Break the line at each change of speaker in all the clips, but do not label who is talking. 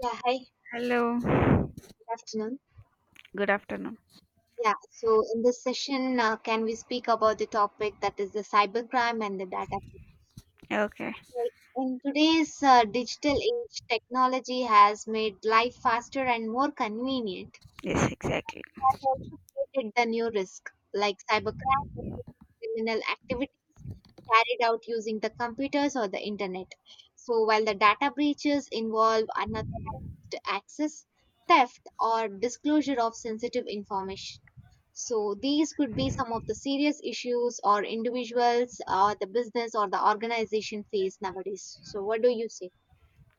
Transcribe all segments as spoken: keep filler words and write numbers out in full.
Yeah, hi, good
Hello,
afternoon.
good afternoon.
Yeah, so in this session, uh, can we speak about the topic that is the cybercrime and the data
Okay,
breach? In today's uh, digital age, technology has made life faster and more convenient.
yes, exactly.
It has also created the new risk, like cybercrime, which is criminal activities carried out using the computers or the internet. So while the data breaches involve unauthorized access, theft, or disclosure of sensitive information. So these could be some of the serious issues or individuals or the business or the organization face nowadays. So what do you say?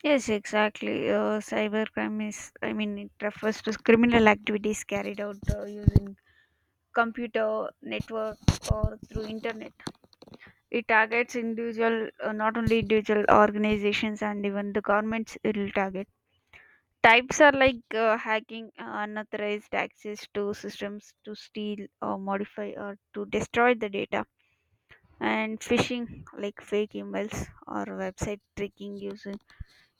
Yes, exactly. Uh, cybercrime is, I mean, it refers to criminal activities carried out uh, using computer network or through internet. It targets individual, uh, not only individual organizations and even the governments. It will target. Types are like uh, hacking, uh, unauthorized access to systems to steal or modify or to destroy the data, and phishing like fake emails or website tricking user,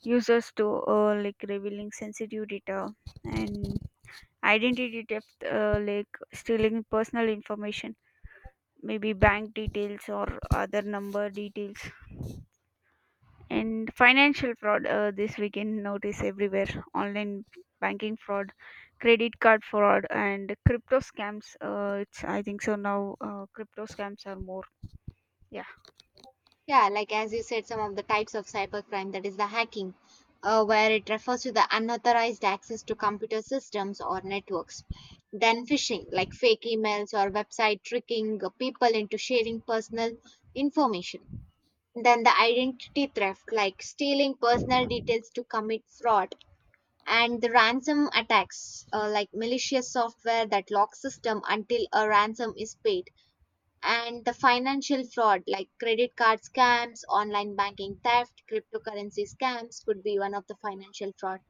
users to uh, like revealing sensitive data, and identity theft uh, like stealing personal information, maybe bank details or other number details, and financial fraud. Uh, this we can notice everywhere: online banking fraud, credit card fraud, and crypto scams. Uh, it's i think so now uh, crypto scams are more. Yeah.
Yeah, like as you said, some of the types of cybercrime that is the hacking, uh, where it refers to the unauthorized access to computer systems or networks. Then phishing, like fake emails or website tricking uh, people into sharing personal information. Then the identity theft, like stealing personal details to commit fraud, and the ransom attacks uh, like malicious software that locks system until a ransom is paid, and the financial fraud like credit card scams, online banking theft, cryptocurrency scams could be one of the financial fraud,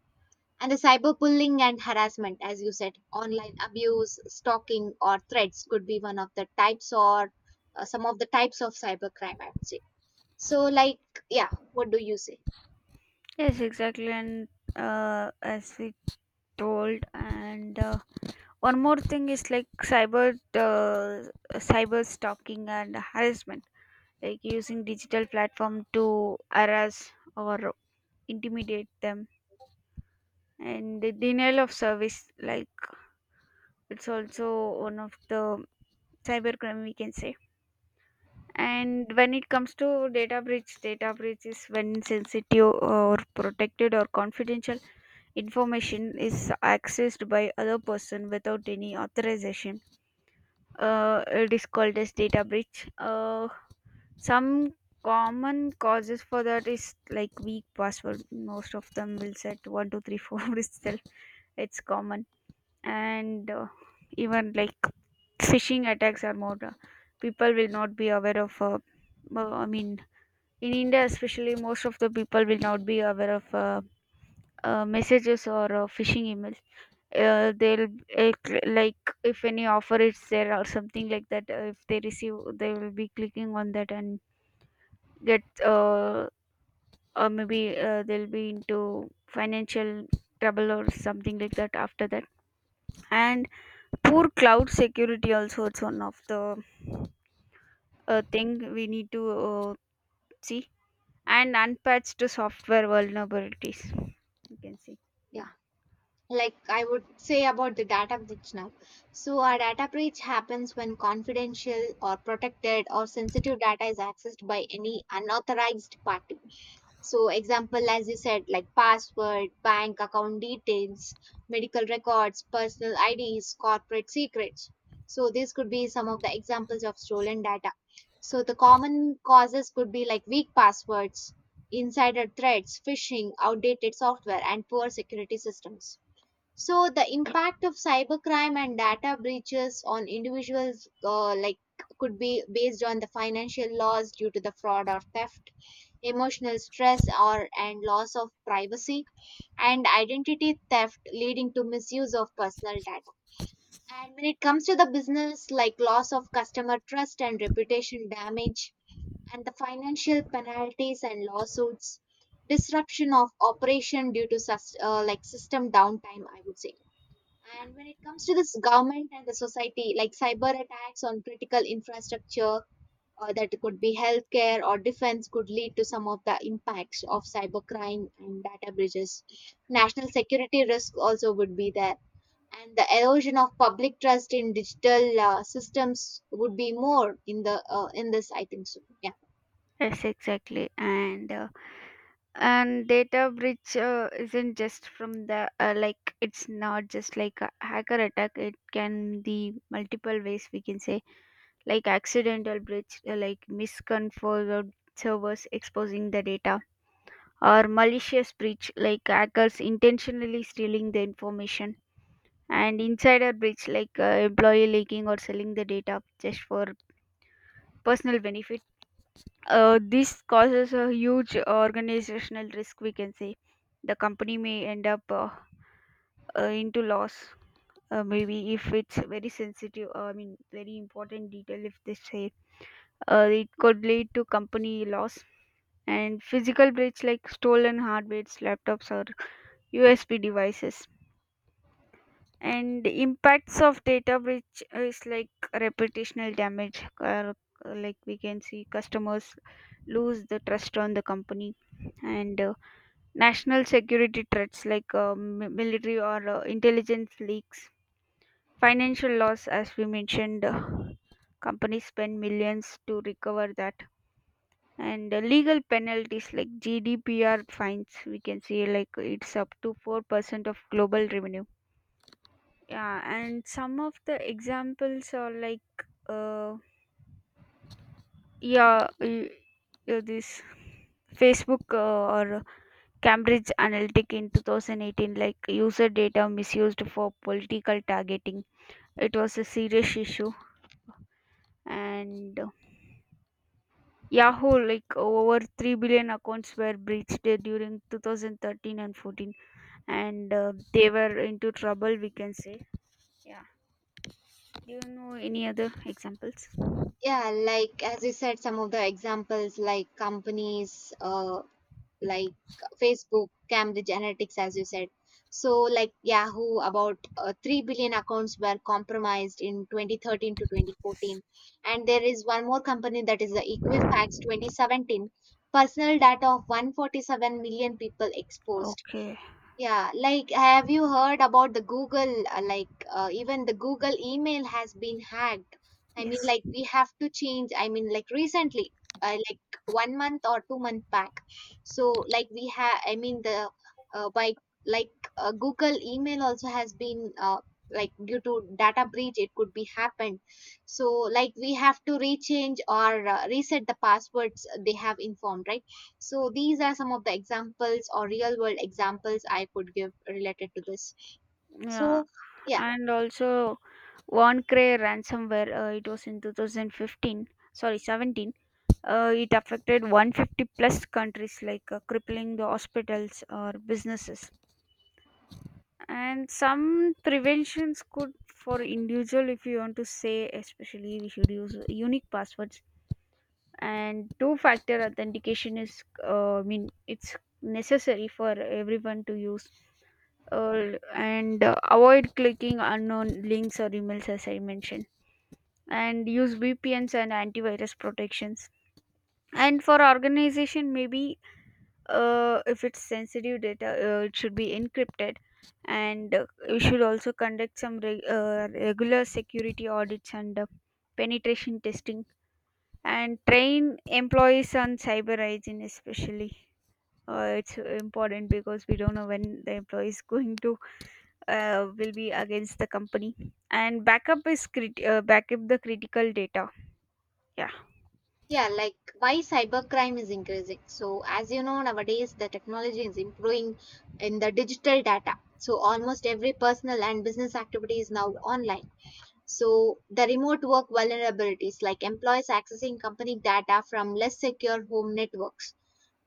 and the cyberbullying and harassment, as you said, online abuse, stalking or threats could be one of the types, or uh, some of the types of cybercrime, I would say. So like, yeah, what do you say?
Yes, exactly. And uh, as we told, and uh, One more thing is like cyber, uh, cyber stalking and harassment, like using digital platform to harass or intimidate them, and the denial of service, like it's also one of the cybercrime we can say. And when it comes to data breach, data breach is when sensitive or protected or confidential information is accessed by other person without any authorization. Uh, it is called as data breach. Uh, some common causes for that is like weak password. Most of them will set one two three four itself. It's common, and uh, even like phishing attacks are more. Uh, people will not be aware of. Uh, uh, I mean, in India especially, most of the people will not be aware of Uh, uh, messages or uh, phishing emails. uh, they'll uh, cl- like if any offer is there or something like that, uh, if they receive, they will be clicking on that and get uh, or maybe uh, they'll be into financial trouble or something like that after that. And poor cloud security also, it's one of the uh, thing we need to uh, see, and unpatched software vulnerabilities you can see. Yeah.
Yeah, like I would say about the data breach now. So, a data breach happens when confidential or protected or sensitive data is accessed by any unauthorized party. So, example, as you said, like password, bank account details, medical records, personal I Ds, corporate secrets. So, these could be some of the examples of stolen data. So, the common causes could be like weak passwords, insider threats, phishing, outdated software, and poor security systems. So the impact of cybercrime and data breaches on individuals, uh, like could be based on the financial loss due to the fraud or theft, emotional stress or and loss of privacy, and identity theft leading to misuse of personal data. And when it comes to the business, like loss of customer trust and reputation damage, and the financial penalties and lawsuits, disruption of operation due to sus- uh, like system downtime, I would say. And when it comes to this government and the society, like cyber attacks on critical infrastructure, uh, that could be healthcare or defense, could lead to some of the impacts of cybercrime and data breaches. National security risk also would be there. And the erosion of public trust in digital uh, systems would be more in the uh, in this, I think so. Yeah,
Yes, exactly. And uh, and data breach uh, isn't just from the uh, like, it's not just like a hacker attack. It can be multiple ways we can say, like accidental breach, uh, like misconfigured servers exposing the data, or malicious breach, like hackers intentionally stealing the information, and insider breach, like uh, employee leaking or selling the data just for personal benefit. Uh, this causes a huge organizational risk, we can say. The company may end up uh, uh, into loss. Uh, maybe if it's very sensitive, uh, I mean, very important detail, if they say, uh, it could lead to company loss. And physical breach like stolen hardware, laptops, or U S Bs devices. And impacts of data breach is like reputational damage, uh, like we can see customers lose the trust on the company, and uh, national security threats like uh, mi- military or uh, intelligence leaks, financial loss, as we mentioned. Uh, companies spend millions to recover that, and uh, legal penalties like G D P R fines. We can see like it's up to four percent of global revenue. Yeah, and some of the examples are like, uh, yeah, y- yeah, this Facebook uh, or Cambridge Analytic in two thousand eighteen, like user data misused for political targeting. It was a serious issue. And uh, Yahoo, like over three billion accounts were breached uh, during two thousand thirteen and fourteen, and uh, they were into trouble, we can say. Yeah. Do you know any other examples?
yeah. Like as you said, some of the examples like companies, uh, like Facebook, Cambridge Analytics, as you said. So, like Yahoo, about uh, three billion accounts were compromised in twenty thirteen to twenty fourteen. And there is one more company that is the Equifax twenty seventeen, personal data of one hundred forty-seven million people exposed.
Okay.
Yeah, like have you heard about the Google? uh, Like uh, even the Google email has been hacked. I mean,
Yes.
like we have to change. I mean, like recently, uh, like one month or two month back. So like we have. I mean the uh, by like uh, Google email also has been uh, like due to data breach it could be happened. So like we have to rechange or uh, reset the passwords they have informed, right? So these are some of the examples or real world examples I could give related to this.
Yeah.
So, yeah,
And also OneCray ransomware, uh, it was in two thousand fifteen, sorry seventeen. Uh, it affected one hundred fifty plus countries, like uh, crippling the hospitals or businesses. And some preventions could for individual, if you want to say, especially we should use unique passwords. And two-factor authentication is, uh, I mean, it's necessary for everyone to use. Uh, and uh, Avoid clicking unknown links or emails, as I mentioned. And use V P Ns and antivirus protections, and for organization maybe, uh, if it's sensitive data, uh, it should be encrypted, and uh, we should also conduct some reg- uh, regular security audits and uh, penetration testing, and train employees on cyber hygiene especially. Uh, it's important because we don't know when the employee is going to uh, will be against the company, and backup is crit- uh, backup the critical data. Yeah.
yeah, like why cybercrime is increasing. So, as you know, nowadays the technology is improving in the digital data. So, almost every personal and business activity is now online. So, the remote work vulnerabilities, like employees accessing company data from less secure home networks,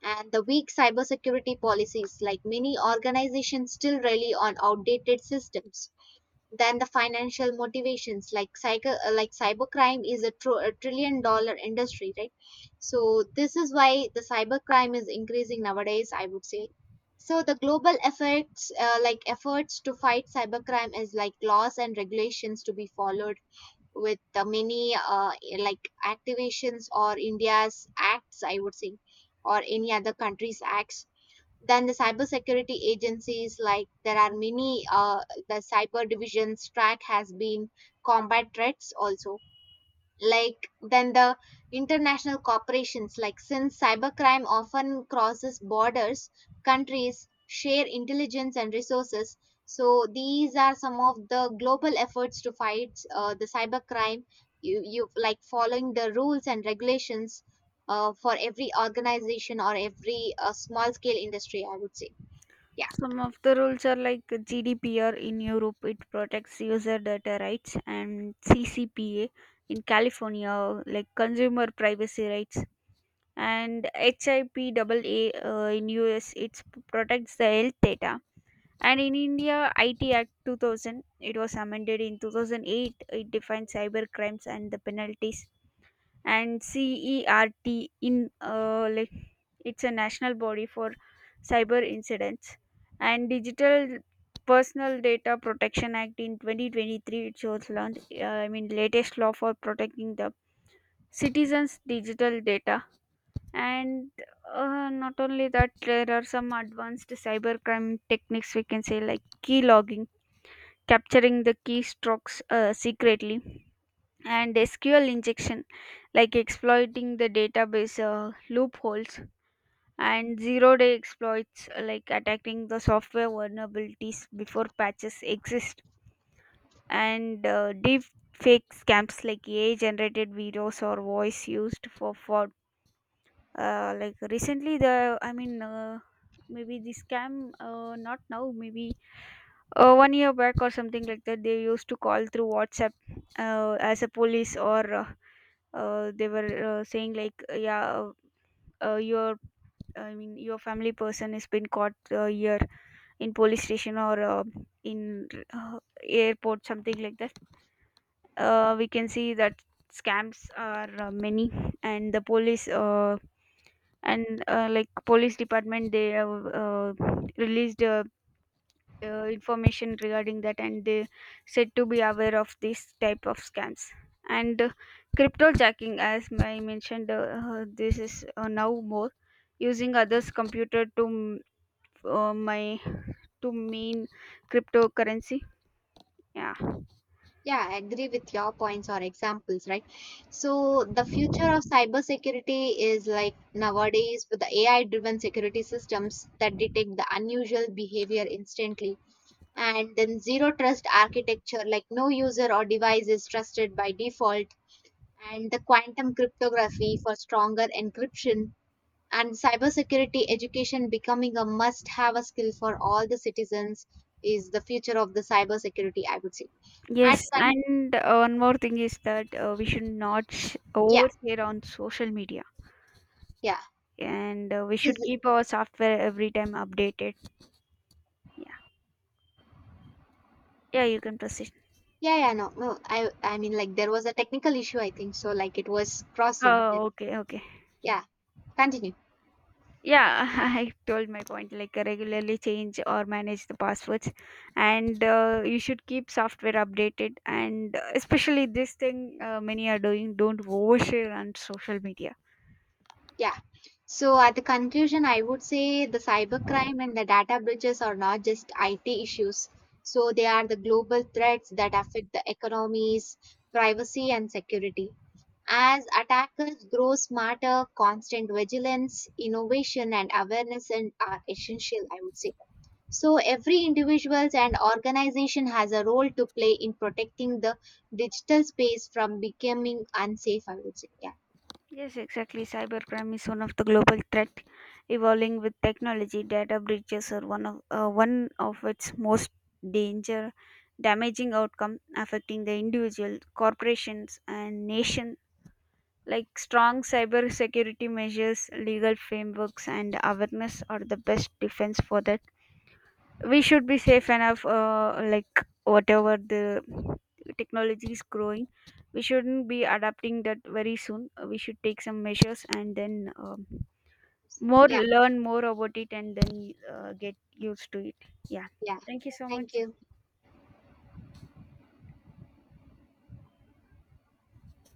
and the weak cybersecurity policies, like many organizations, still rely on outdated systems. Then the financial motivations, like cyber, like cybercrime is a, tr- a trillion dollar industry, right? So this is why the cybercrime is increasing nowadays, I would say. So the global efforts, uh, like efforts to fight cybercrime, is like laws and regulations to be followed with the many uh, like activations or India's acts, I would say, or any other country's acts. Then the cybersecurity agencies, like there are many, uh, the cyber divisions track has been combat threats also, like than the international corporations, like since cybercrime often crosses borders, countries share intelligence and resources. So these are some of the global efforts to fight uh, the cybercrime, you, you like following the rules and regulations uh, for every organization or every uh, small scale industry, I would say.
Some of the rules are like G D P R in Europe, it protects user data rights, and C C P A in California, like consumer privacy rights, and HIPAA uh, in U S, it protects the health data. And in India, I T Act two thousand, it was amended in two thousand eight, it defines cyber crimes and the penalties, and CERT in uh, like, it's a national body for cyber incidents. And digital personal data protection act in twenty twenty-three, it shows launched. uh, I mean, latest law for protecting the citizens digital data. And uh, Not only that, there are some advanced cybercrime techniques we can say, like key logging, capturing the keystrokes uh, secretly, and S Q L injection, like exploiting the database uh, loopholes, and zero day exploits, uh, like attacking the software vulnerabilities before patches exist, and uh, deep fake scams like A I generated videos or voice used for fraud. Uh, like recently, the I mean, uh, maybe the scam, uh, not now, maybe uh, one year back or something like that, they used to call through WhatsApp uh, as a police, or uh, uh, they were uh, saying like uh, yeah uh, uh, your I mean your family person has been caught uh, here in police station, or uh, in uh, airport, something like that. Uh, we can see that scams are uh, many. And the police uh, and uh, Like police department, they have uh, released a uh, information regarding that, and they said to be aware of this type of scams. And uh, Crypto jacking, as I mentioned, uh, uh, this is uh, now more, using others computer to m- uh, my to mean cryptocurrency. Yeah.
Yeah, I agree with your points or examples, right? So the future of cybersecurity is like nowadays with the A I-driven security systems that detect the unusual behavior instantly. And then zero trust architecture, like no user or device is trusted by default, and the quantum cryptography for stronger encryption, and cybersecurity education becoming a must-have skill for all the citizens is the future of the cybersecurity, I would say. At
Yes,
con-
and uh, one more thing is that uh, we should not sh-
yeah.
overshare on social media,
Yeah,
and uh, we
is
should
it-
keep our software every time updated. Yeah. Yeah, you can proceed.
yeah, yeah, no, no. I, I mean, like there was a technical issue, I think. So, like it was crossing. Yeah,
Oh, okay, okay.
yeah, continue.
Yeah. I told my point, like regularly change or manage the passwords, and uh, you should keep software updated, and uh, especially this thing uh, many are doing, don't overshare on social media.
Yeah. So at the conclusion, I would say the cybercrime and the data breaches are not just I T issues. So they are the global threats that affect the economies, privacy, and security. As attackers grow smarter, constant vigilance, innovation, and awareness and are essential, I would say. So every individual and organization has a role to play in protecting the digital space from becoming unsafe, I would say. Yeah.
Yes, exactly, cybercrime is one of the global threat evolving with technology. Data breaches are one of uh, one of its most danger damaging outcome, affecting the individual corporations and nation. Like strong cyber security measures, legal frameworks, and awareness are the best defense for that. We should be safe enough, uh, like whatever the technology is growing. We shouldn't be adapting that very soon. Uh, We should take some measures and then um, more,
Yeah.
learn more about it, and then uh, get used to it. Yeah.
Yeah.
Thank you so much.
Thank you.